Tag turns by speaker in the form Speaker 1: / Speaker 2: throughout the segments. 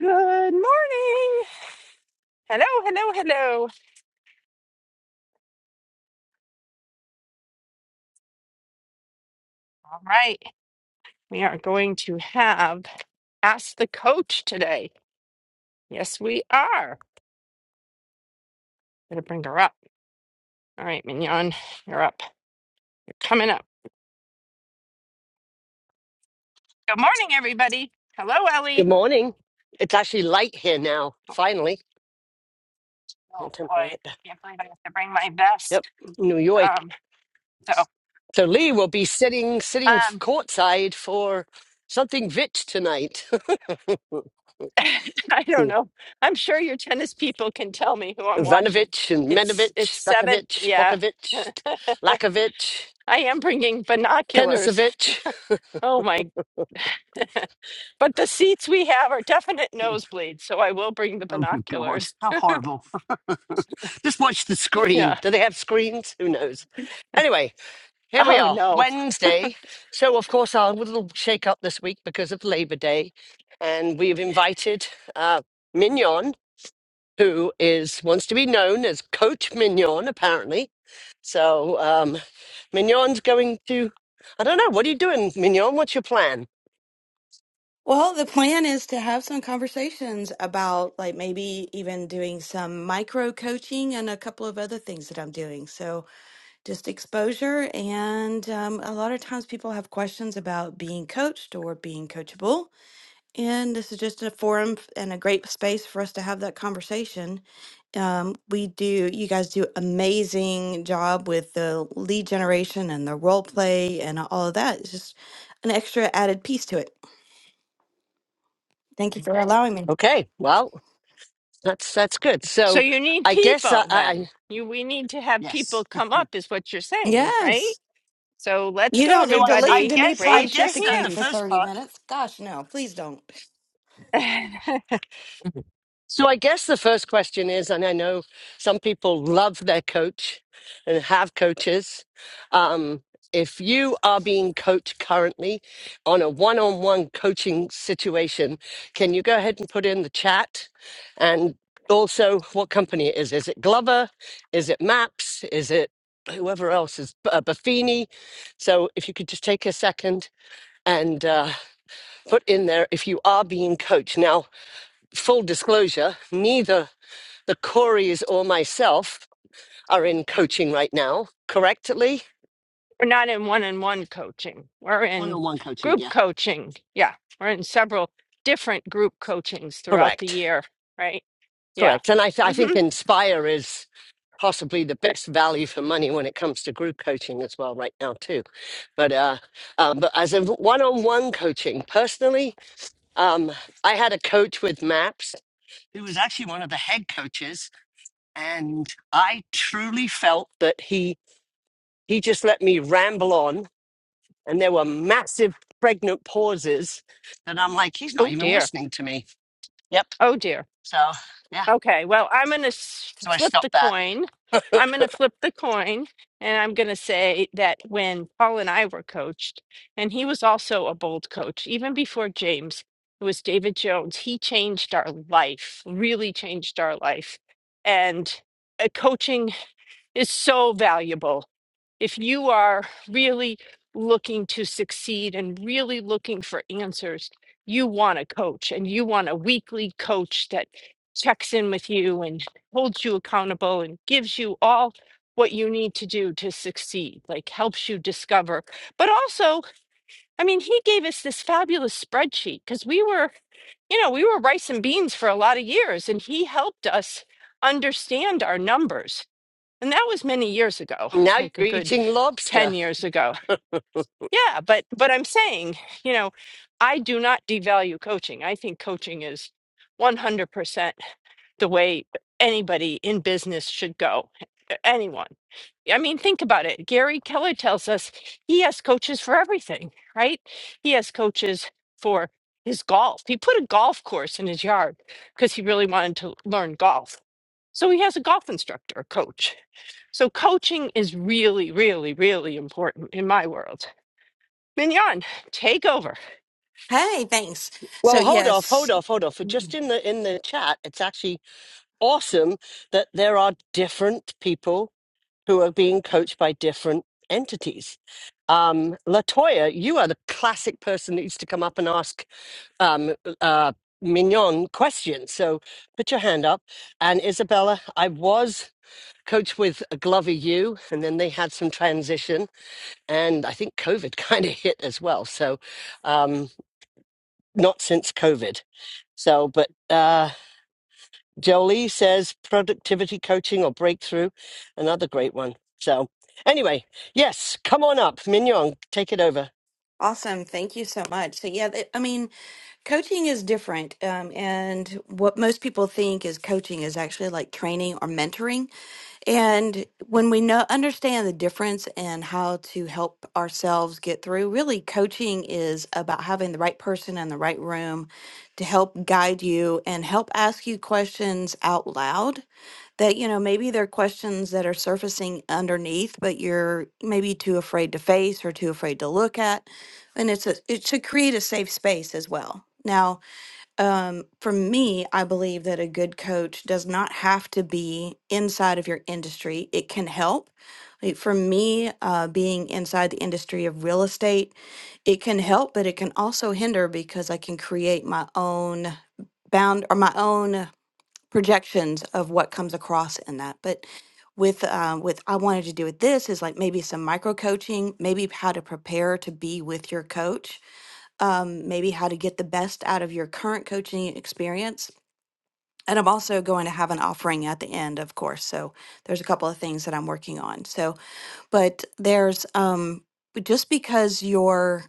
Speaker 1: Good morning. Hello, hello, hello. All right. We are going to have Ask the Coach today. Yes, we are. Gonna bring her up. All right, Mignon, you're up. You're coming up. Good morning, everybody. Hello,
Speaker 2: Good
Speaker 1: Ellie.
Speaker 2: morning. It's actually light here now, finally. I'll
Speaker 1: Oh boy,
Speaker 2: Turn my
Speaker 1: I
Speaker 2: light back.
Speaker 1: can't believe I have to bring my
Speaker 2: Yep,
Speaker 1: vest.
Speaker 2: New York.
Speaker 1: Um, so
Speaker 2: So Lee will be sitting sitting
Speaker 1: um
Speaker 2: courtside for something Vich tonight.
Speaker 1: I don't know. I'm sure your tennis people can tell me who I'm watching.
Speaker 2: Ivanovic and
Speaker 1: It's it's
Speaker 2: Menovich,
Speaker 1: seven.
Speaker 2: Bekovic,
Speaker 1: Yeah.
Speaker 2: Bokovic,
Speaker 1: I
Speaker 2: Lakovic,
Speaker 1: am bringing binoculars.
Speaker 2: Tenisovich.
Speaker 1: Oh my. But the seats we have are definite nosebleeds, so I will bring the
Speaker 2: Oh, good God.
Speaker 1: binoculars.
Speaker 2: How horrible. Just watch the screen.
Speaker 1: Yeah.
Speaker 2: Do they have screens? Who knows? Anyway, Here we
Speaker 1: Oh
Speaker 2: are,
Speaker 1: no.
Speaker 2: Wednesday. So, of course, our little shake up this week because of Labor Day. And we've invited uh, Mignon, who is wants to be known as Coach Mignon, apparently. So, um, Mignon's going to, I don't know, what are you doing, Mignon? What's your plan?
Speaker 3: Well, the plan is to have some conversations about like maybe even doing some micro coaching and a couple of other things that I'm doing. So just exposure. And um, a lot of times people have questions about being coached or being coachable. And this is just a forum f- and a great space for us to have that conversation. Um, we do, you guys do amazing job with the lead generation and the role play and all of that. It's just an extra added piece to it. Thank you for allowing me.
Speaker 2: Okay, well, that's that's good.
Speaker 1: So
Speaker 2: So,
Speaker 1: you need
Speaker 2: I guess I,
Speaker 1: people then.
Speaker 2: I
Speaker 1: You we need to have people
Speaker 2: yes.
Speaker 1: come up is what you're saying, right?
Speaker 3: Yes.
Speaker 1: So let's
Speaker 3: You
Speaker 1: go
Speaker 3: don't
Speaker 2: So
Speaker 3: need
Speaker 2: I,
Speaker 3: to listen
Speaker 2: I
Speaker 1: everybody.
Speaker 3: to me
Speaker 2: guess I
Speaker 1: Raise your
Speaker 2: guess that the
Speaker 3: pontificate for
Speaker 1: hands.
Speaker 2: first
Speaker 3: 30
Speaker 2: part
Speaker 3: minutes. Gosh, no, please don't.
Speaker 1: we're
Speaker 2: So I guess the first question is, and I know some people love their coach and have coaches. Um, if you are being coached currently on a one-on-one coaching situation, can you go ahead and put in the chat? And also, what company it is? Is it Glover? Is it Maps? Is it whoever else is uh, Buffini? So if you could just take a second and uh, put in there if you are being coached. Now, full disclosure, neither the Corey's or myself are in coaching right now, correctly?
Speaker 1: not in one-on-one coaching. We're
Speaker 2: One
Speaker 1: in
Speaker 2: on one coaching,
Speaker 1: group
Speaker 2: yeah.
Speaker 1: coaching. Yeah. We're in several different group coachings throughout the
Speaker 2: Correct.
Speaker 1: year, right? Yeah.
Speaker 2: Correct. And I, th- I think
Speaker 1: Mhm.
Speaker 2: Inspire is possibly the best value for money when it comes to group coaching as well right now too but uh, uh but as a one-on-one coaching personally um i had a coach with maps who was actually one of the head coaches and i truly felt that he he just let me ramble on and there were massive pregnant pauses and i'm like he's not
Speaker 1: Oh
Speaker 2: even
Speaker 1: dear.
Speaker 2: listening to me yep
Speaker 1: Oh dear.
Speaker 2: so yeah
Speaker 1: Okay, well, I'm going to
Speaker 2: so i
Speaker 1: flip the
Speaker 2: stopped that
Speaker 1: coin. I'm going to flip the coin, and I'm going to say that when Paul and I were coached, and he was also a bold coach, even before James, it was David Jones. He changed our life, really changed our life. And uh, coaching is so valuable. If you are really looking to succeed and really looking for answers, you want a coach and you want a weekly coach that checks in with you and holds you accountable and gives you all what you need to do to succeed, like helps you discover. But also, I mean, he gave us this fabulous spreadsheet because we were, you know, we were rice and beans for a lot of years and he helped us understand our numbers and that was many years ago
Speaker 2: now
Speaker 1: like a
Speaker 2: you're
Speaker 1: good
Speaker 2: eating
Speaker 1: 10
Speaker 2: lobster
Speaker 1: years ago yeah but but i'm saying you know i do not devalue coaching i think coaching is 100% the way anybody in business should go anyone i mean think about it gary keller tells us he has coaches for everything right he has coaches for his golf he put a golf course in his yard because he really wanted to learn golf so he has a golf instructor a coach so coaching is really, really, really important in my world. Mignon, take over.
Speaker 3: Hey, thanks. So,
Speaker 2: well hold off hold
Speaker 3: yes.
Speaker 2: off hold off just in the in the chat it's actually awesome that there are different people who are being coached by different entities um latoya you are the classic person that used to come up and ask um, uh, mignon question. So put your hand up. And Isabella, I was coach with Glover U, and then they had some transition, and I think COVID kind of hit as well. So um, not since COVID. So, but uh, Jolie says productivity coaching or breakthrough, another great one. So anyway, yes, come on up, Mignon, take it over.
Speaker 3: Awesome. Thank you so much. So, yeah, th- I mean, coaching is different. Um, and what most people think is coaching is actually like training or mentoring. And when we know understand the difference and how to help ourselves get through, really coaching is about having the right person in the right room to help guide you and help ask you questions out loud that you know maybe there are questions that are surfacing underneath but you're maybe too afraid to face or too afraid to look at and it's a it should create a safe space as well now um, for me i believe that a good coach does not have to be inside of your industry it can help Like, for me uh, being inside the industry of real estate it can help but it can also hinder because i can create my own bound or my own projections of what comes across in that. But with uh, with I wanted to do with this is like maybe some micro coaching, maybe how to prepare to be with your coach, um, maybe how to get the best out of your current coaching experience. And I'm also going to have an offering at the end, of course. So there's a couple of things that I'm working on. So, but there's um, but just because you're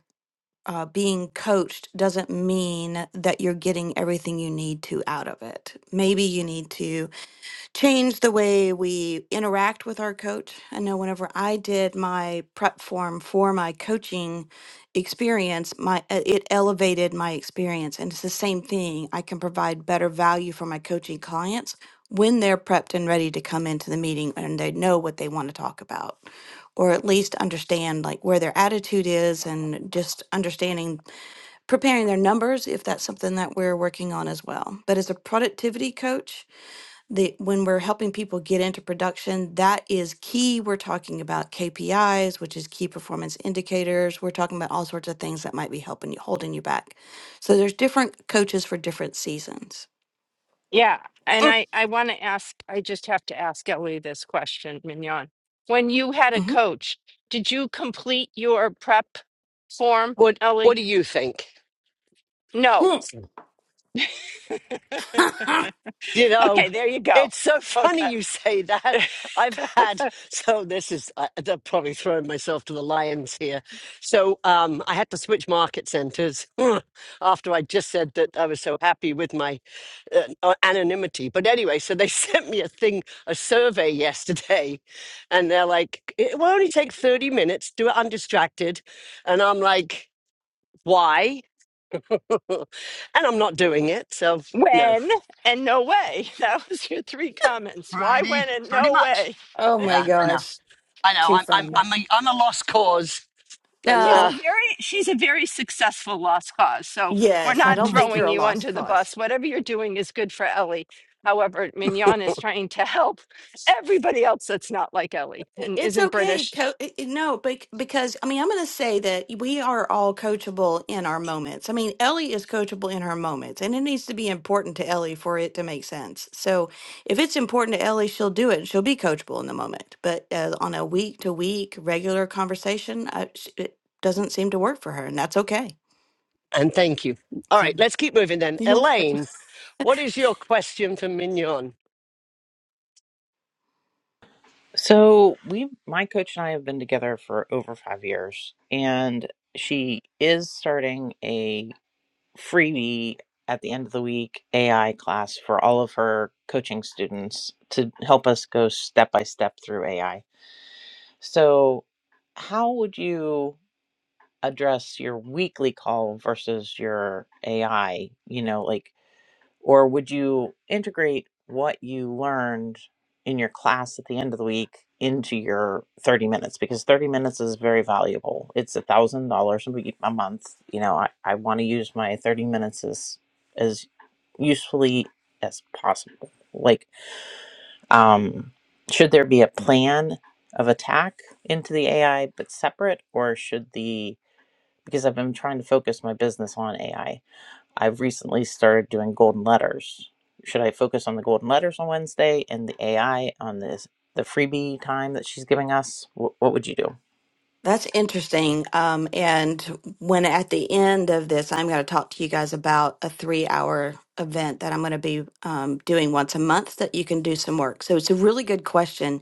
Speaker 3: uh, being coached doesn't mean that you're getting everything you need to out of it. Maybe you need to change the way we interact with our coach. I know whenever I did my prep form for my coaching experience, my uh, it elevated my experience and it's the same thing. I can provide better value for my coaching clients when they're prepped and ready to come into the meeting and they know what they want to talk about or at least understand like where their attitude is and just understanding preparing their numbers if that's something that we're working on as well. But as a productivity coach, the when we're helping people get into production that is key we're talking about kpis which is key performance indicators we're talking about all sorts of things that might be helping you holding you back so there's different coaches for different seasons
Speaker 1: Yeah. And
Speaker 2: Mm,
Speaker 1: I, I want to ask, I just have to ask Ellie this question, Mignon. When you had a
Speaker 3: hmm
Speaker 1: coach, did you complete your prep form,
Speaker 2: What What
Speaker 1: Ellie?
Speaker 2: do you think?
Speaker 1: No.
Speaker 2: You know,
Speaker 1: Okay, there you go.
Speaker 2: it's so funny
Speaker 1: Okay.
Speaker 2: you say that. I've had so this is I, I'm probably throwing myself to the lions here. So um, I had to switch market centers after I just said that I was so happy with my uh, uh, anonymity. But anyway, so they sent me a thing, a survey yesterday, and they're like, "It will only take thirty minutes. Do it undistracted," and I'm like, "Why?" and I'm not doing it. So no,
Speaker 1: When and no way. That was your three comments. Why,
Speaker 2: pretty
Speaker 1: when, and
Speaker 2: pretty
Speaker 1: no
Speaker 2: much.
Speaker 1: way.
Speaker 3: oh my
Speaker 2: Yeah, I know.
Speaker 3: gosh,
Speaker 2: I know.
Speaker 3: too
Speaker 2: I'm I'm
Speaker 3: funny.
Speaker 1: Okay.
Speaker 2: I'm a I'm a lost cause. And
Speaker 1: She's
Speaker 3: no
Speaker 2: uh
Speaker 1: a very she's a very successful lost cause. So we're
Speaker 3: yes i
Speaker 1: not
Speaker 3: don't think you're
Speaker 1: throwing
Speaker 3: a
Speaker 1: you
Speaker 3: lost
Speaker 1: under the
Speaker 3: cause
Speaker 1: bus. Whatever you're doing is good for Ellie. However, Mignon is trying to help everybody else that's not like Ellie
Speaker 3: It-
Speaker 1: and
Speaker 3: It's
Speaker 1: isn't
Speaker 3: okay.
Speaker 1: British.
Speaker 3: Co- it- it- no, but because I mean, I'm going to say that we are all coachable in our moments. I mean, Ellie is coachable in her moments, and it needs to be important to Ellie for it to make sense. So, if it's important to Ellie, she'll do it. and She'll be coachable in the moment. But uh, on a week to week regular conversation, I, sh- it doesn't seem to work for her, and that's okay.
Speaker 2: and thank you. All
Speaker 3: So,
Speaker 2: right, let's keep moving then.
Speaker 3: Yeah.
Speaker 2: Elaine, what is your question for Mignon?
Speaker 4: So we, my coach and I have been together for over five years, and she is starting a freebie at the end of the week AI class for all of her coaching students to help us go step by step through AI. So, how would you address your weekly call versus your AI? You know, like or would you integrate what you learned in your class at the end of the week into your 30 minutes? Because 30 minutes is very valuable. It's a thousand dollars a month. You know, I, I want to use my 30 minutes as as usefully as possible. Like, um, should there be a plan of attack into the AI but separate, or should the because I've been trying to focus my business on AI I've recently started doing golden letters. Should I focus on the golden letters on Wednesday and the AI on this the freebie time that she's giving us? Wh- what would you do?
Speaker 3: That's interesting. Um, and when at the end of this, I'm going to talk to you guys about a three hour event that I'm going to be um, doing once a month that you can do some work. So it's a really good question.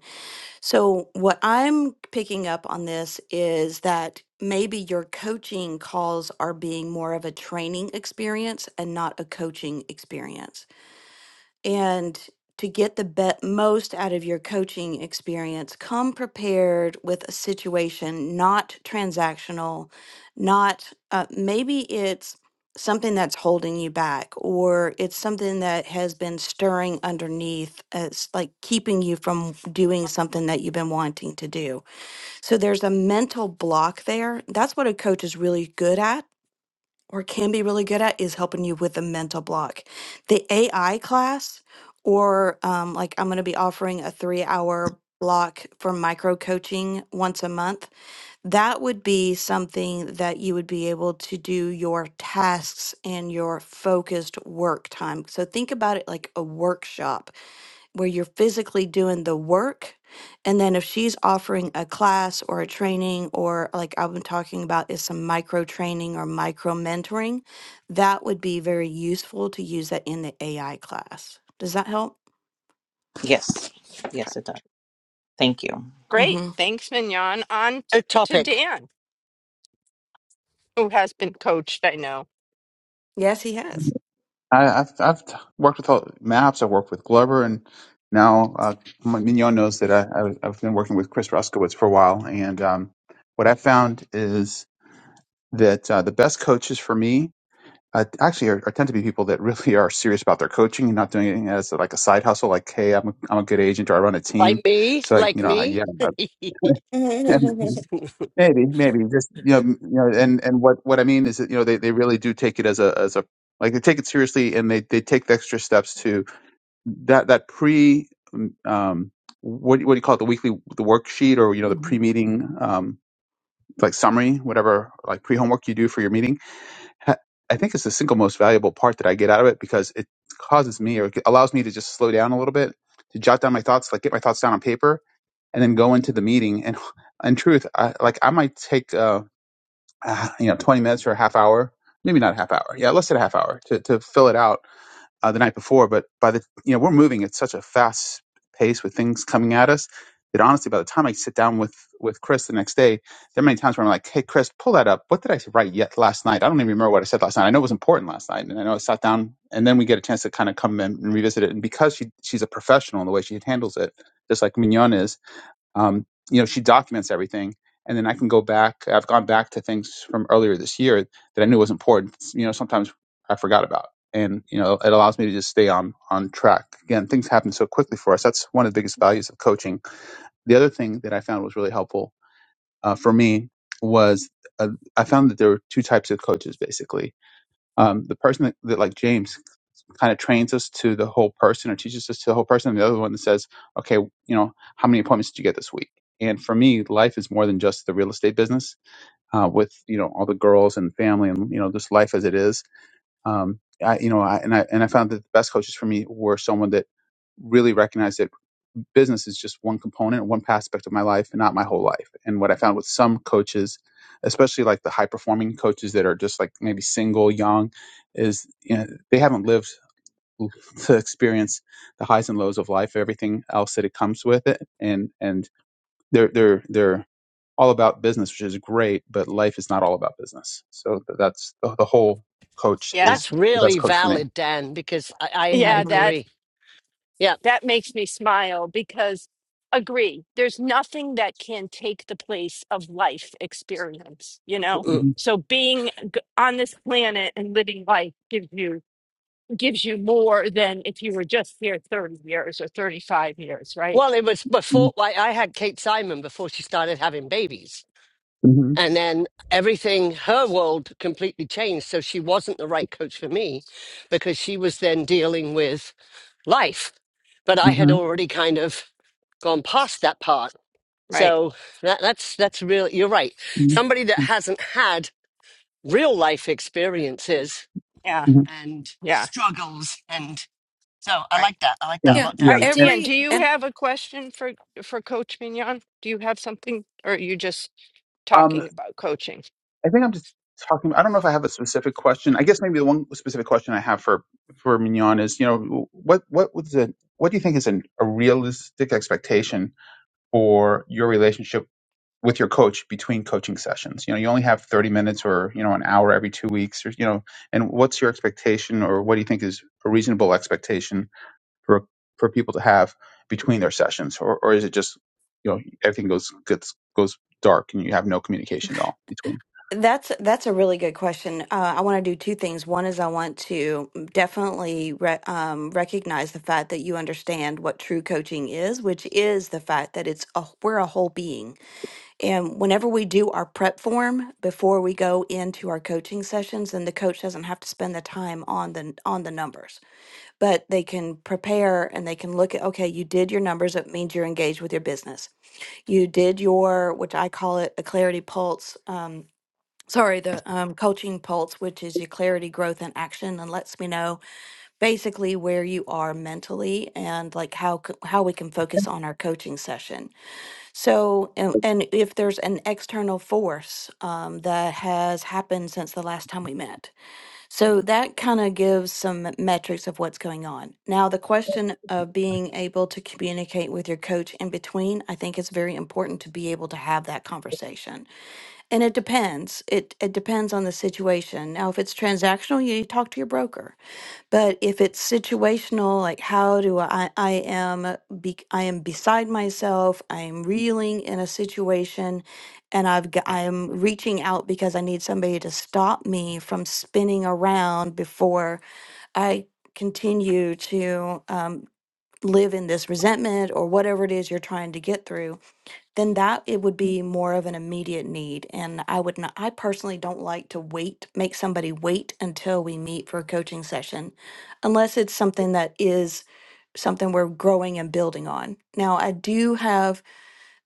Speaker 3: So, what I'm picking up on this is that maybe your coaching calls are being more of a training experience and not a coaching experience and to get the be- most out of your coaching experience, come prepared with a situation not transactional, not uh, maybe it's something that's holding you back, or it's something that has been stirring underneath, as like keeping you from doing something that you've been wanting to do. So there's a mental block there. That's what a coach is really good at or can be really good at is helping you with the mental block. The AI class, or um, like I'm going to be offering a three hour block for micro coaching once a month, that would be something that you would be able to do your tasks and your focused work time. So think about it like a workshop where you're physically doing the work. And then if she's offering a class or a training, or like I've been talking about, is some micro training or micro mentoring, that would be very useful to use that in the AI class. Does that help?
Speaker 4: Yes, yes,
Speaker 3: Okay.
Speaker 4: it does. Thank you.
Speaker 1: Great.
Speaker 3: hmm
Speaker 1: Thanks, Mignon. On t-
Speaker 2: A
Speaker 1: to
Speaker 2: topic.
Speaker 1: Dan, who has been coached, I know.
Speaker 3: Yes, he has.
Speaker 5: I, I've I've t- worked with all, Maps. I worked with Glover, and now uh, Mignon knows that I, I've I've been working with Chris Roskowitz for a while. And um, what I found is that uh, the best coaches for me uh, actually are, are tend to be people that really are serious about their coaching and not doing it as like a side hustle. Like, hey, I'm a, I'm a good agent, or I run a
Speaker 2: Like
Speaker 5: team.
Speaker 2: me?
Speaker 5: So, like,
Speaker 2: Like
Speaker 5: you know, I,
Speaker 2: me?
Speaker 5: yeah, I-
Speaker 3: yeah.
Speaker 5: maybe, maybe just you know, m- you know, and and what what I mean is that you know they, they really do take it as a as a like they take it seriously and they, they take the extra steps to that that pre um, what do you- what do you call it the weekly the worksheet or you know the
Speaker 3: hmm
Speaker 5: pre meeting um, like summary whatever like pre homework you do for your meeting ha- I think it's the single most valuable part that I get out of it because it causes me or it allows me to just slow down a little bit to jot down my thoughts like get my thoughts down on paper and then go into the meeting and in truth I, like I might take uh, uh, you know twenty minutes or a half hour maybe not a half hour yeah let's say a half hour to to fill it out uh, the night before, but by the you know we're moving at such a fast pace with things coming at us that honestly, by the time I sit down with with Chris the next day, there are many times where I'm like, "Hey, Chris, pull that up. What did I write yet last night? I don't even remember what I said last night. I know it was important last night, and I know I sat down, and then we get a chance to kind of come in and revisit it. And because she she's a professional in the way she handles it, just like Mignon is, um, you know she documents everything and then i can go back i've gone back to things from earlier this year that i knew was important you know sometimes i forgot about and you know it allows me to just stay on on track again things happen so quickly for us that's one of the biggest values of coaching the other thing that i found was really helpful uh, for me was uh, i found that there were two types of coaches basically um, the person that, that like james kind of trains us to the whole person or teaches us to the whole person and the other one that says okay you know how many appointments did you get this week and for me life is more than just the real estate business uh, with you know all the girls and family and you know just life as it is um, I, you know I, and I and I found that the best coaches for me were someone that really recognized that business is just one component one aspect of my life and not my whole life and what I found with some coaches especially like the high performing coaches that are just like maybe single young is you know, they haven't lived to experience the highs and lows of life, everything else that it comes with it, and and they're they're they're all about business, which is great, but life is not all about business. So th- that's the, the whole coach
Speaker 1: Yeah.
Speaker 2: That's
Speaker 5: is the best
Speaker 2: really
Speaker 5: coach for me.
Speaker 2: valid, Dan, because I, I, I
Speaker 1: Yeah,
Speaker 3: hmm
Speaker 1: that.
Speaker 2: agree. Yeah.
Speaker 1: that makes me smile because agree there's nothing that can take the place of life experience you know
Speaker 2: Mm-mm.
Speaker 5: hmm
Speaker 1: so being g- on this planet and living life gives you gives you more than if you were just here 30 years or 35 years right
Speaker 2: Well, it was before I, I had Kate Simon before she started having babies.
Speaker 5: hmm
Speaker 2: and then everything her world completely changed so she wasn't the right coach for me because she was then dealing with life but i had
Speaker 5: hmm
Speaker 2: already kind of gone past that part
Speaker 1: right
Speaker 2: so that, that's that's really you're right
Speaker 5: hmm
Speaker 2: somebody that hasn't had real life experiences
Speaker 1: yeah
Speaker 5: hmm
Speaker 2: and
Speaker 1: yeah
Speaker 2: struggles and so i
Speaker 1: right
Speaker 2: like that i like
Speaker 5: Yeah,
Speaker 2: that a
Speaker 3: Yeah.
Speaker 2: lot
Speaker 1: all
Speaker 5: yeah,
Speaker 2: dan
Speaker 1: right
Speaker 5: and
Speaker 1: dan
Speaker 3: Every
Speaker 1: do you have a question for for coach mignon do you have something or are you just
Speaker 5: um,
Speaker 1: talking about coaching
Speaker 5: I think I'm just talking. I don't know if I have a specific question. I guess maybe the one specific question I have for for Mignon is, you know, what what was the what do you think is an, a realistic expectation for your relationship with your coach between coaching sessions you know you only have 30 minutes or you know an hour every two weeks or you know and what's your expectation or what do you think is a reasonable expectation for for people to have between their sessions or, or is it just you know everything goes gets goes dark and you have no communication at all between
Speaker 3: That's that's a really good question. Uh, I want to do two things. One is I want to definitely re um, recognize the fact that you understand what true coaching is, which is the fact that it's a, we're a whole being. And whenever we do our prep form before we go into our coaching sessions, then the coach doesn't have to spend the time on the on the numbers, but they can prepare and they can look at, okay, you did your numbers. It means you're engaged with your business you did your which i call it a clarity pulse Um, sorry, the um, coaching pulse, which is your clarity, growth, and action, and lets me know basically where you are mentally and like how c- how we can focus on our coaching session. So, and, and if there's an external force um, that has happened since the last time we met. So that kind of gives some metrics of what's going on. Now, the question of being able to communicate with your coach in between, I think it's very important to be able to have that conversation. And it depends. It it depends on the situation. Now, if it's transactional, you talk to your broker. But if it's situational, like how do I I am uh, be, I am beside myself, I am reeling in a situation and I've got, I am reaching out because I need somebody to stop me from spinning around before I continue to um, live in this resentment or whatever it is you're trying to get through then that it would be more of an immediate need. And I would not, I personally don't like to wait, make somebody wait until we meet for a coaching session, unless it's something that is something we're growing and building on. Now, I do have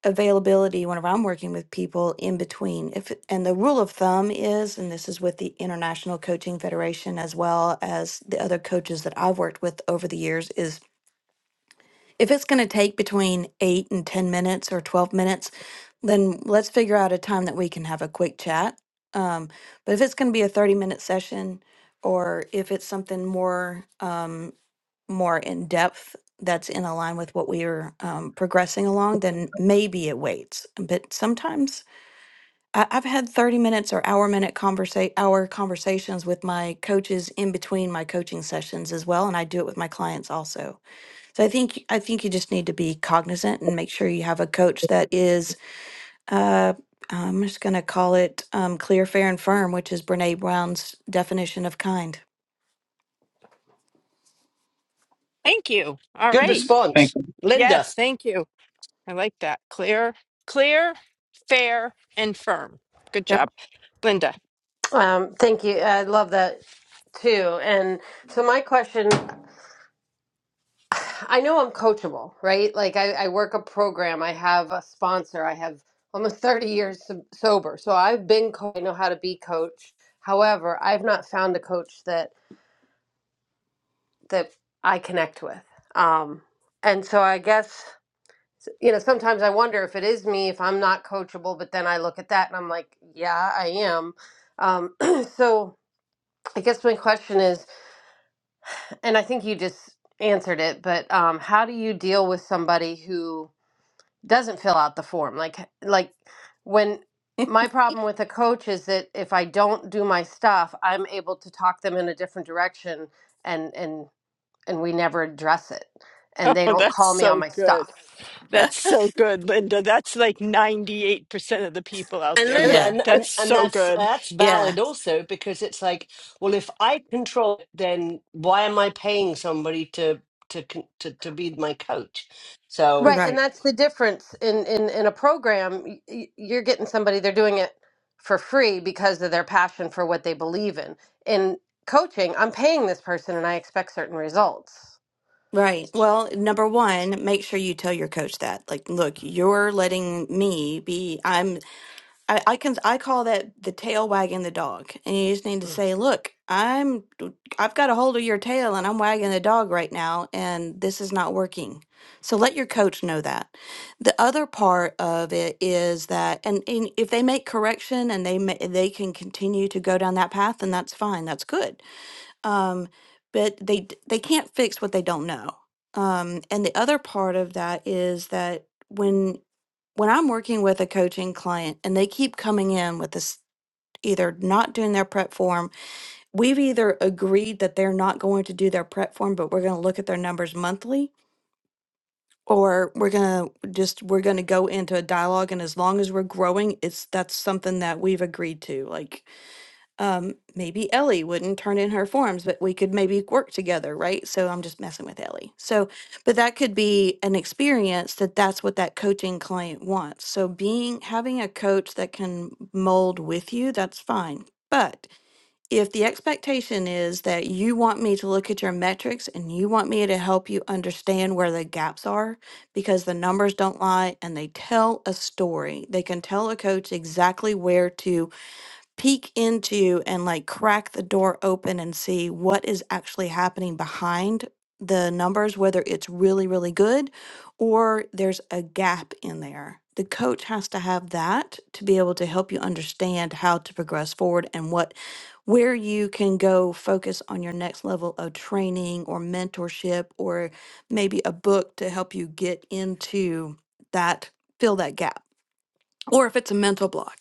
Speaker 3: availability whenever I'm working with people in between. If and the rule of thumb is, and this is with the International Coaching Federation as well as the other coaches that I've worked with over the years, is if it's going to take between eight and 10 minutes or 12 minutes, then let's figure out a time that we can have a quick chat. Um, but if it's going to be a 30 minute session or if it's something more, um, more in depth that's in align with what we are um, progressing along, then maybe it waits. But sometimes I- I've had 30 minutes or hour minute conversa- hour conversations with my coaches in between my coaching sessions as well. And I do it with my clients also. So I think I think you just need to be cognizant and make sure you have a coach that is. Uh, I'm just going to call it um, clear, fair, and firm, which is Brene Brown's definition of kind.
Speaker 1: thank you all
Speaker 2: good
Speaker 1: right
Speaker 3: Mhm.
Speaker 2: response linda
Speaker 1: yes thank you I like that. Clear, clear, fair, and firm. Good
Speaker 3: Yep.
Speaker 1: job, Linda.
Speaker 6: Um, thank you. I love that too. And so my question, I know I'm coachable, right? Like I, I work a program, I have a sponsor, I have almost 30 years so- sober. So I've been, co- I know how to be coached. However, I've not found a coach that, that I connect with. Um, and so I guess, you know, sometimes I wonder if it is me, if I'm not coachable, but then I look at that and I'm like, yeah, I am. Um, so I guess my question is, And I think you just answered it, but um, how do you deal with somebody who doesn't fill out the form? Like, like when my problem with a coach is that if I don't do my stuff, I'm able to talk them in a different direction, and and and we never address it, and they
Speaker 1: Oh,
Speaker 6: don't
Speaker 1: that's
Speaker 6: call me on
Speaker 1: so
Speaker 6: my
Speaker 1: good.
Speaker 6: stuff.
Speaker 1: That's so good, Linda. That's like 98% of the people out
Speaker 2: And
Speaker 1: there,
Speaker 2: Linda,
Speaker 1: but
Speaker 3: Yeah.
Speaker 2: and, and
Speaker 1: that's
Speaker 2: and
Speaker 1: so
Speaker 2: that's
Speaker 1: good.
Speaker 2: that's
Speaker 3: Yeah.
Speaker 2: valid also because it's like, well, if I control it, then why am I paying somebody to to con- to, to be my coach? So
Speaker 6: Right, and
Speaker 3: Right.
Speaker 6: that's the difference in in in a program. y- y- You're getting somebody; they're doing it for free because of their passion for what they believe in. In coaching, I'm paying this person, and I expect certain results.
Speaker 3: Right. Well, number one, make sure you tell your coach that. Like, look, you're letting me be. I'm I, I can I call that the tail wagging the dog, and you just need to
Speaker 6: Mm.
Speaker 3: say, "Look, I'm I've got a hold of your tail, and I'm wagging the dog right now, and this is not working." So let your coach know that. The other part of it is that, and, and if they make correction and they ma- they can continue to go down that path, then that's fine, that's good um, but they d- they can't fix what they don't know. Um, and the other part of that is that when when I'm working with a coaching client and they keep coming in with this either not doing their prep form, we've either agreed that they're not going to do their prep form, but we're going to look at their numbers monthly or we're going to just we're going to go into a dialogue and as long as we're growing, it's that's something that we've agreed to. Like um, maybe Ellie wouldn't turn in her forms, but we could maybe work together, right? So I'm just messing with Ellie. So, but that could be an experience that that's what that coaching client wants. So being having a coach that can mold with you, that's fine. But if the expectation is that you want me to look at your metrics and you want me to help you understand where the gaps are, because the numbers don't lie and they tell a story, they can tell a coach exactly where to peek into and like crack the door open and see what is actually happening behind the numbers, whether it's really, really good or there's a gap in there. The coach has to have that to be able to help you understand how to progress forward and what where you can go focus on your next level of training or mentorship or maybe a book to help you get into that fill that gap or if it's a mental block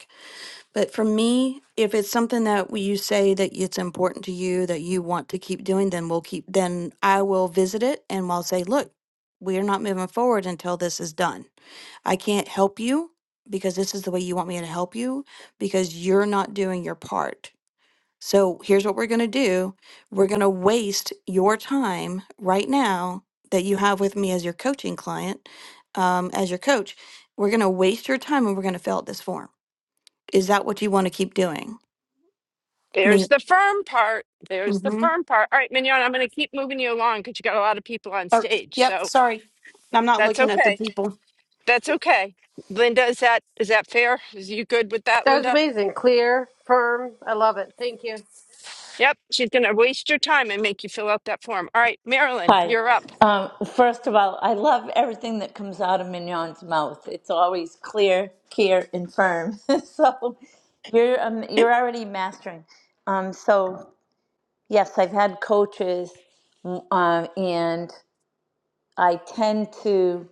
Speaker 3: but for me, if it's something that w- you say that it's important to you, that you want to keep doing, then we'll keep, then I will visit it and I'll say, look, we are not moving forward until this is done. I can't help you because this is the way you want me to help you because you're not doing your part. So here's what we're going to do. We're going to waste your time right now that you have with me as your coaching client, um, as your coach. We're going to waste your time and we're going to fill out this form. Is that what you want to keep doing? I mean,
Speaker 1: There's the firm part. There's the
Speaker 3: hmm
Speaker 1: firm part. All right, Mignon, I'm going to keep moving you along because you got a lot of people on
Speaker 3: Oh,
Speaker 1: stage.
Speaker 3: yep.
Speaker 1: So
Speaker 3: Sorry, I'm not
Speaker 1: that's
Speaker 3: looking at the
Speaker 1: okay.
Speaker 3: people.
Speaker 1: That's okay. Linda, is that is that fair? Is you good with that,
Speaker 6: That was
Speaker 1: Linda?
Speaker 6: amazing, clear, firm. I love it. Thank you.
Speaker 1: Yep. She's going to waste your time and make you fill out that form. All right, Marilyn,
Speaker 7: Hi.
Speaker 1: you're up.
Speaker 7: Um, first of all, I love everything that comes out of Mignon's mouth. It's always clear, clear, and firm. so you're um, you're already mastering. Um, so yes, I've had coaches, mm, um, and I tend to.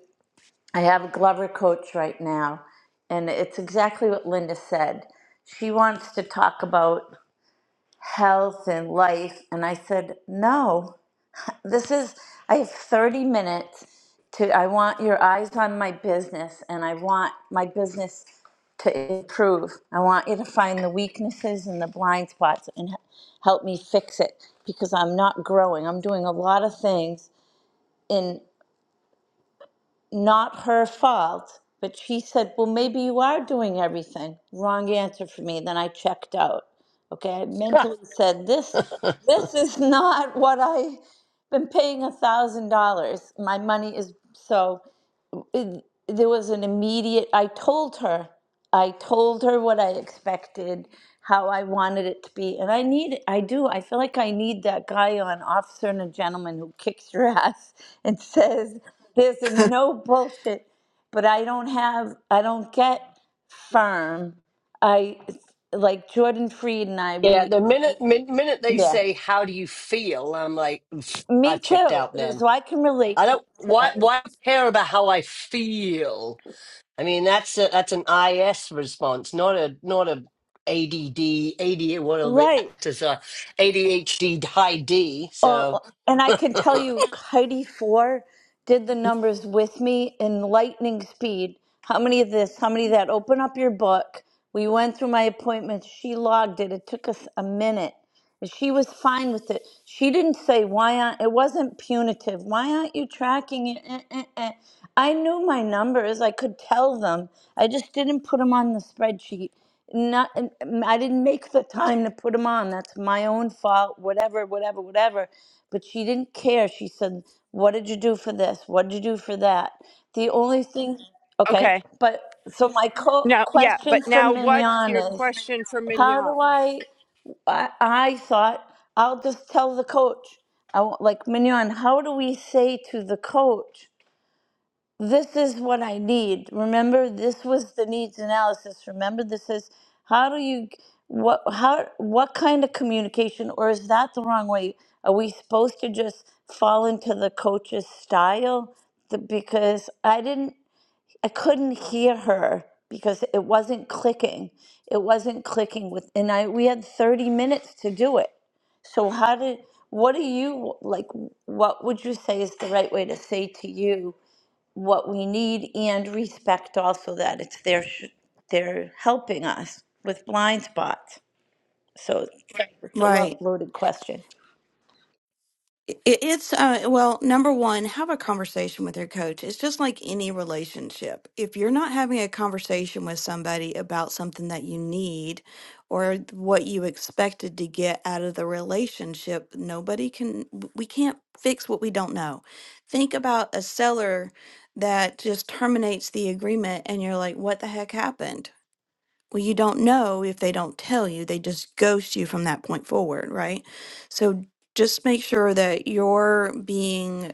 Speaker 7: I have a Glover coach right now, and it's exactly what Linda said. She wants to talk about health and life, and I said no. This is, I have 30 minutes to, I want your eyes on my business and I want my business to improve. I want you to find the weaknesses and the blind spots and h- help me fix it because I'm not growing. I'm doing a lot of things in not her fault, but she said, Well, maybe you are doing everything. Wrong answer for me. Then I checked out. Okay. I mentally said, This this is not what I been paying a thousand dollars. My money is so it- there was an immediate i told her i told her what i expected how i wanted it to be and i need i do i feel like i need that guy on officer and a gentleman who kicks your ass and says there's a no bullshit but i don't have i don't get firm i like jordan freed and i
Speaker 2: yeah,
Speaker 7: we,
Speaker 2: the minute
Speaker 7: we
Speaker 2: min, minute they
Speaker 7: yeah
Speaker 2: say how do you feel, I'm like, "Pff, I
Speaker 7: me
Speaker 2: checked
Speaker 7: too
Speaker 2: out. Then
Speaker 7: so i can relate
Speaker 2: I
Speaker 7: to,
Speaker 2: don't
Speaker 7: to
Speaker 2: why
Speaker 7: Ed.
Speaker 2: why care about how I feel. I mean, that's a, that's an IS response, not a not a A D D A D. what are the
Speaker 7: right
Speaker 2: actors are, ADHD high D.
Speaker 7: Oh,
Speaker 2: So
Speaker 7: and I
Speaker 2: yeah,
Speaker 7: can tell you, Heidi Four did the numbers with me in lightning speed. How many of this? How many of that? Open up your book. We went through my appointments. She logged it. It took us a minute. And She was fine with it. She didn't say, why aren't, it wasn't punitive. Why aren't you tracking it? Eh, eh, eh." I knew my numbers. I could tell them. I just didn't put them on the spreadsheet. Not, um, I didn't make the time to put them on. That's my own fault, whatever, whatever, whatever. But she didn't care. She said, what did you do for this? What did you do for that? The only thing, okay,
Speaker 1: Okay.
Speaker 7: but so my co-
Speaker 1: Now, yeah,
Speaker 7: question
Speaker 1: but
Speaker 7: for
Speaker 1: now what
Speaker 7: Mignon
Speaker 1: your
Speaker 7: is,
Speaker 1: question for
Speaker 7: how do
Speaker 1: Mignon?
Speaker 7: I? I, I thought I'll just tell the coach. I won't, like Mignon. How do we say to the coach, "This is what I need"? Remember, this was the needs analysis. Remember, this is how do you what how what kind of communication, or is that the wrong way? Are we supposed to just fall into the coach's style? The, because I didn't, I couldn't hear her because it wasn't clicking. It wasn't clicking with, and I we had thirty minutes to do it so how did what do you like what would you say is the right way to say to you what we need and respect also that it's their sh- they're helping us with blind spots. So it's Right. it's a lo-
Speaker 3: right.
Speaker 7: loaded question.
Speaker 3: It, it's, uh, well, number one, have a conversation with your coach. It's just like any relationship. If you're not having a conversation with somebody about something that you need or what you expected to get out of the relationship, nobody can, we can't fix what we don't know. Think about a seller that just terminates the agreement and you're like, what the heck happened? Well, you don't know if they don't tell you. They just ghost you from that point forward, right? So just make sure that you're being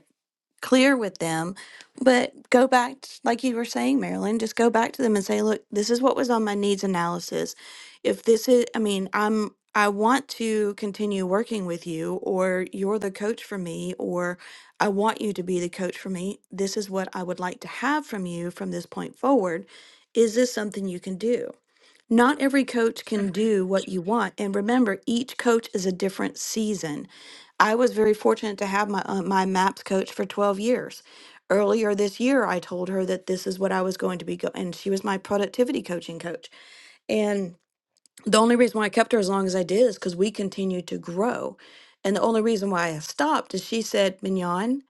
Speaker 3: clear with them, but go back, t- like you were saying, Marilyn, just go back to them and say, look, this is what was on my needs analysis. If this is, I mean, I'm, I want to continue working with you, or you're the coach for me, or I want you to be the coach for me. This is what I would like to have from you from this point forward. Is this something you can do? Not every coach can do what you want. And remember, each coach is a different season. I was very fortunate to have my uh, my MAPS coach for 12 years. Earlier this year, I told her that this is what I was going to be go and she was my productivity coaching coach. And the only reason why I kept her as long as I did is because we continued to grow. And the only reason why I stopped is she said, Mignon,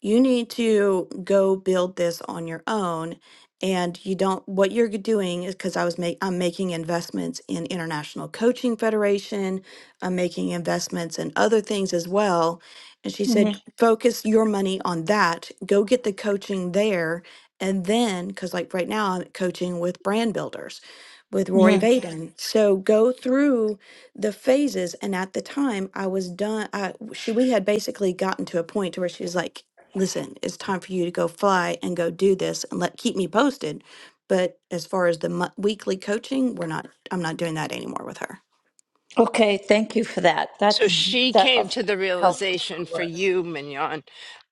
Speaker 3: you need to go build this on your own. And you don't, what you're doing is because I was making, I'm making investments in International Coaching Federation. I'm making investments in other things as well. And she
Speaker 7: hmm
Speaker 3: said, focus your money on that. Go get the coaching there. And then, because like right now I'm coaching with brand builders with Roy
Speaker 7: hmm
Speaker 3: Vaden. So go through the phases. And at the time, I was done. I she we had basically gotten to a point to where she was like, "Listen, it's time for you to go fly and go do this, and let keep me posted." But as far as the mo- weekly coaching, we're not. I'm not doing that anymore with her.
Speaker 7: Okay, thank you for that.
Speaker 1: So
Speaker 7: That's
Speaker 3: Mhm.
Speaker 1: she
Speaker 7: that
Speaker 1: came
Speaker 7: of
Speaker 1: to the realization
Speaker 7: helpful.
Speaker 1: for you, Mignon.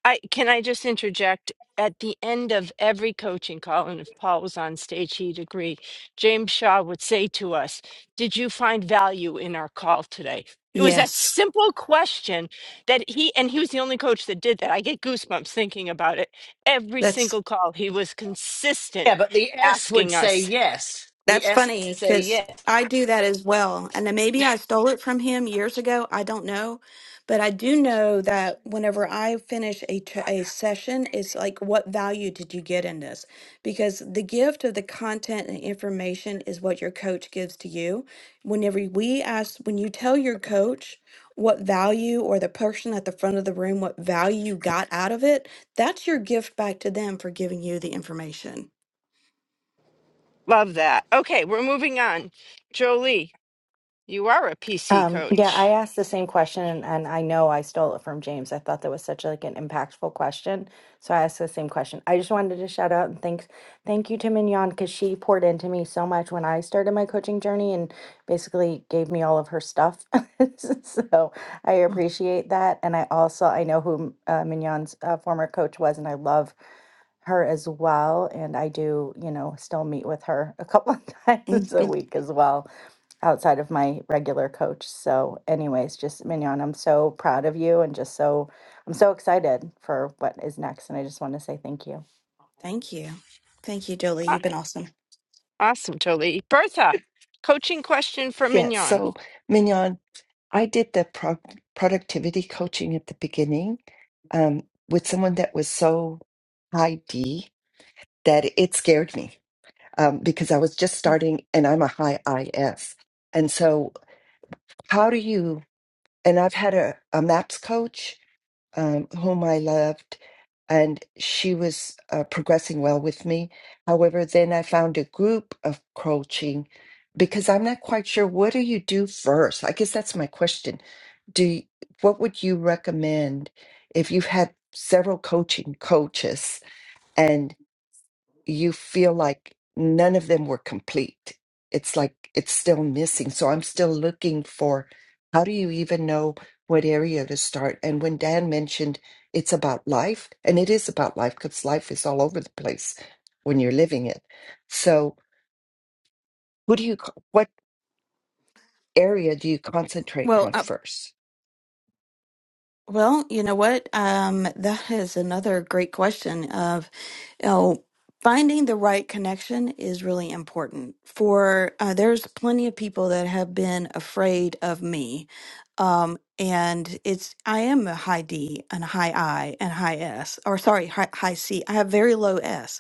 Speaker 1: I can I just interject at the end of every coaching call, and if Paul was on stage, he'd agree. James Shaw would say to us, Did you find value in our call today? It was that
Speaker 3: Yes,
Speaker 1: simple question that he, and he was the only coach that did that. I get goosebumps thinking about it. Every
Speaker 3: that's
Speaker 1: single call, he was consistent
Speaker 2: but the S would
Speaker 1: asking
Speaker 2: say
Speaker 1: us
Speaker 2: yes. The
Speaker 3: That's
Speaker 2: S would
Speaker 3: funny
Speaker 2: say
Speaker 3: because
Speaker 2: yes.
Speaker 3: I do that as well. And then maybe I stole it from him years ago. I don't know. But I do know that whenever I finish a, t- a session, it's like, what value did you get in this? Because the gift of the content and information is what your coach gives to you. Whenever we ask, when you tell your coach what value or the person at the front of the room, what value you got out of it, that's your gift back to them for giving you the information.
Speaker 1: Love that. Okay, we're moving on. Jolie, you are a PC
Speaker 8: Um, yeah, I
Speaker 1: coach.
Speaker 8: asked the same question, and, and I know I stole it from James. I thought that was such like an impactful question, so I asked the same question. I just wanted to shout out and thank thank you to Mignon because she poured into me so much when I started my coaching journey and basically gave me all of her stuff. so I appreciate that, and I also I know who uh, Mignon's uh, former coach was, and I love her as well. And I do, you know, still meet with her a couple of times a week as well outside of my regular coach. So, anyways, just Mignon, I'm so proud of you and just so I'm so excited for what is next. And I just want to say thank you.
Speaker 3: Thank you. Thank you, Jolie.
Speaker 1: Ah,
Speaker 3: You've been awesome.
Speaker 1: awesome, Jolie. Bertha, coaching question for
Speaker 9: Yeah,
Speaker 1: Mignon.
Speaker 9: so Mignon, I did the pro productivity coaching at the beginning um, with someone that was so high D that it scared me um, because I was just
Speaker 3: Mm.
Speaker 9: starting and I'm a high IS. And so, how do you? And I've had a, a MAPS coach um, whom I loved, and she was uh, progressing well with me. However, then I found a group of coaching because I'm not quite sure what do you do first. I guess that's my question. Do you, what would you recommend if you've had several coaching coaches? you feel like none of them were complete. It's like it's still missing. So I'm still looking for how do you even know what area to start? And when Dan mentioned it's about life, and it is about life because life is all over the place when you're living it. So who do you, co- what area do you concentrate
Speaker 3: Well,
Speaker 9: on
Speaker 3: uh,
Speaker 9: first?
Speaker 3: well, you know what? Um, that is another great question of, you know, finding the right connection is really important for, uh, there's plenty of people that have been afraid of me. Um, and it's, I am a high D and a high I and high S, or sorry, high, high C. I have very low S.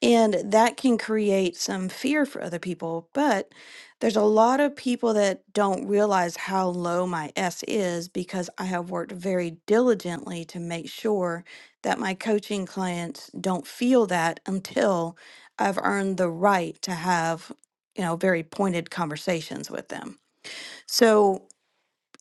Speaker 3: And that can create some fear for other people. But there's a lot of people that don't realize how low my S is because I have worked very diligently to make sure that my coaching clients don't feel that until I've earned the right to have, you know, very pointed conversations with them. So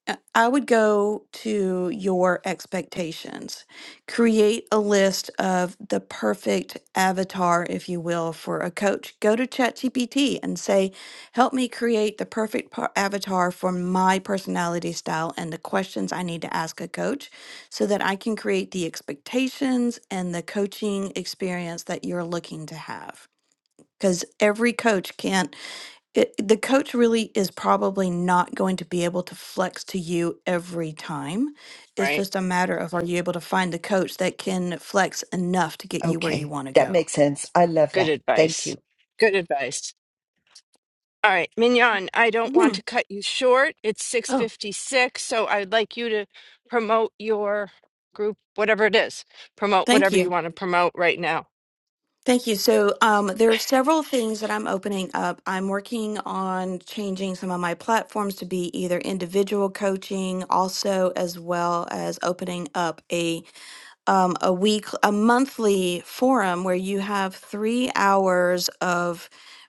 Speaker 3: uh, I would go to your expectations. Create a list of the perfect avatar, if you will, for a coach. Go to ChatGPT and say, Help me create the perfect par- avatar for my personality style and the questions I need to ask a coach so that I can create the expectations and the coaching experience that you're looking to have. Because every coach can't it, the coach really is probably not going to be able to flex to you every time.
Speaker 1: All
Speaker 3: It's
Speaker 1: right,
Speaker 3: just a matter of are you able to find the coach that can flex enough to get you where you
Speaker 9: Okay,
Speaker 3: want to
Speaker 9: that
Speaker 3: go?
Speaker 9: makes sense. I love
Speaker 1: good
Speaker 9: that. Thank you.
Speaker 1: advice. Good advice. All right, Mignon, I don't want
Speaker 3: Mhm.
Speaker 1: to cut you short. It's
Speaker 3: Oh,
Speaker 1: 6:56, so I'd like you to promote your group, whatever it is. Promote
Speaker 3: thank
Speaker 1: whatever you
Speaker 3: you.
Speaker 1: want to promote right now.
Speaker 3: Thank you. So, um, there are several things that I'm opening up. I'm working on changing some of my platforms to be either individual coaching, also, as well as opening up a. um, a week, a monthly forum where you have three hours of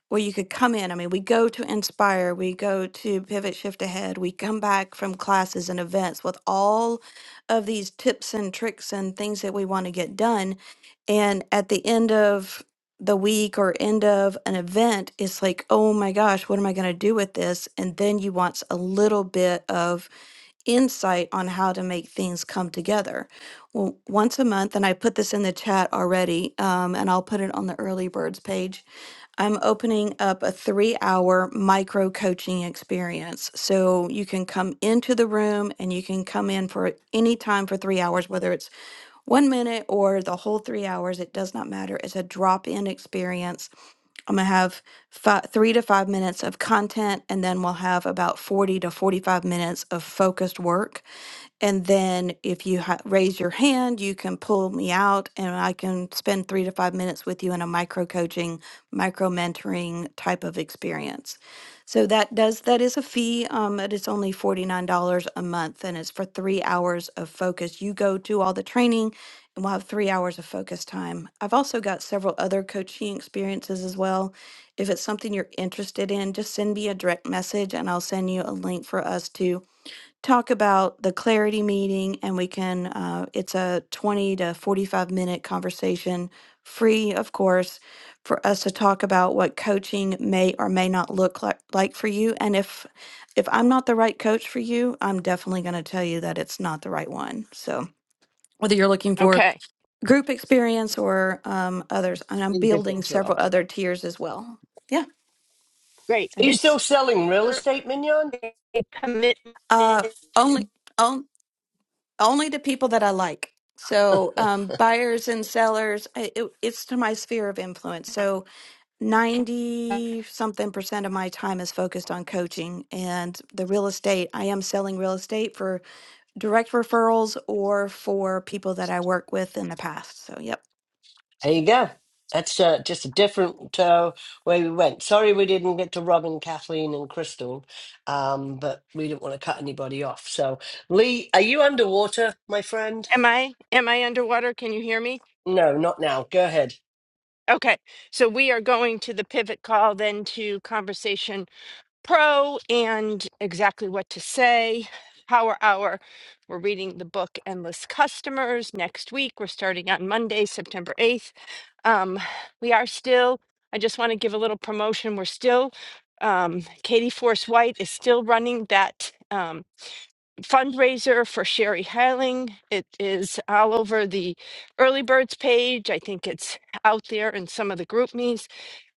Speaker 3: where you could come in. I mean, we go to Inspire, we go to Pivot Shift Ahead, we come back from classes and events with all of these tips and tricks and things that we want to get done. And at the end of the week or end of an event, it's like, oh my gosh, what am I going to do with this? And then you want a little bit of insight on how to make things come together. Well, once a month, and I put this in the chat already, um, and I'll put it on the early birds page. I'm opening up a three hour micro coaching experience. So you can come into the room and you can come in for any time for three hours, whether it's one minute or the whole three hours, it does not matter. It's a drop in experience. I'm going to have five, three to five minutes of content, and then we'll have about 40 to 45 minutes of focused work and then if you ha- raise your hand, you can pull me out and I can spend three to five minutes with you in a micro coaching, micro mentoring type of experience. So that does, that is a fee, um, but it's only $49 a month and it's for three hours of focus. You go to all the training and we'll have three hours of focus time. I've also got several other coaching experiences as well. If it's something you're interested in, just send me a direct message and I'll send you a link for us to talk about the clarity meeting and we can uh, it's a 20 to 45 minute conversation free of course for us to talk about what coaching may or may not look like, like for you and if if i'm not the right coach for you i'm definitely going to tell you that it's not the right one so whether you're looking for
Speaker 1: Okay.
Speaker 3: group experience or um, others and i'm building
Speaker 1: Individual.
Speaker 3: several other tiers as well yeah
Speaker 1: Great.
Speaker 3: it
Speaker 2: Are you
Speaker 1: Is
Speaker 2: still
Speaker 3: is
Speaker 2: selling real
Speaker 1: there
Speaker 2: estate, Mignon?
Speaker 1: a
Speaker 3: uh
Speaker 1: commitment
Speaker 3: only only to people that I like. So um, buyers and sellers, I- it, it's to my sphere of influence. So 90 something percent of my time is focused on coaching and the real estate. I am selling real estate for direct referrals or for people that I work with in the past. So, yep.
Speaker 2: There you go. That's uh, just a different uh, way we went. Sorry, we didn't get to Robin, Kathleen, and Crystal, um, but we didn't want to cut anybody off. So, Lee, are you underwater, my friend?
Speaker 1: Am I am I underwater? Can you hear me?
Speaker 2: No, not now. Go ahead.
Speaker 1: Okay. So we are going to the pivot call then to conversation pro and exactly what to say. Power hour. We're reading the book Endless Customers next week. We're starting on Monday, September 8th. Um, we are still, I just want to give a little promotion. We're still, um, Katie Force White is still running that. Um, fundraiser for Sherry Hiling. It is all over the early birds page. I think it's out there in some of the group me's.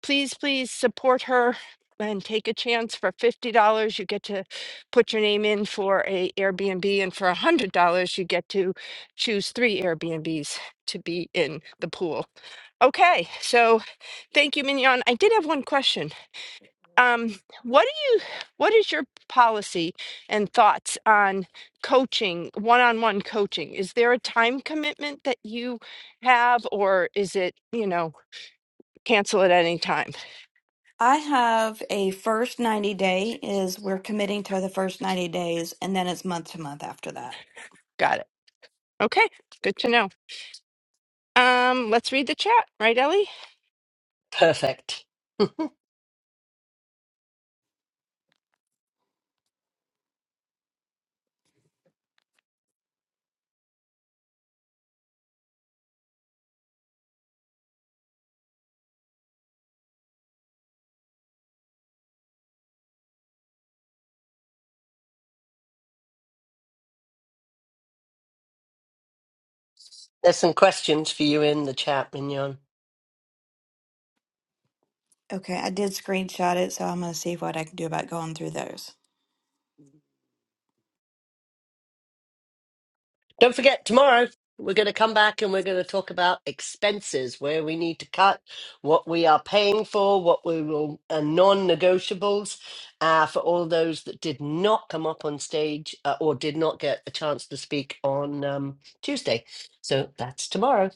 Speaker 1: Please, please support her and take a chance for $50 you get to put your name in for a airbnb and for $100 you get to choose three airbnbs to be in the pool okay so thank you mignon i did have one question um, what do you what is your policy and thoughts on coaching one-on-one coaching is there a time commitment that you have or is it you know cancel at any time
Speaker 3: I have a first 90 day is we're committing to the first 90 days and then it's month to month after that.
Speaker 1: got it okay good to know um let's read the chat right ellie
Speaker 2: Perfect. There's some questions for you in the chat, Mignon.
Speaker 3: Okay, I did screenshot it, so I'm going to see what I can do about going through those.
Speaker 2: Don't forget, tomorrow we're going to come back and we're going to talk about expenses, where we need to cut, what we are paying for, what we will, uh, non negotiables uh, for all those that did not come up on stage uh, or did not get a chance to speak on um, Tuesday. So that's tomorrow.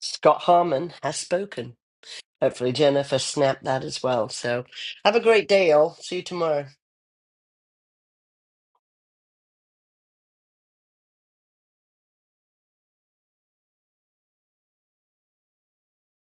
Speaker 2: Scott Harmon has spoken. Hopefully, Jennifer snapped that as well. So have a great day, all. See you tomorrow.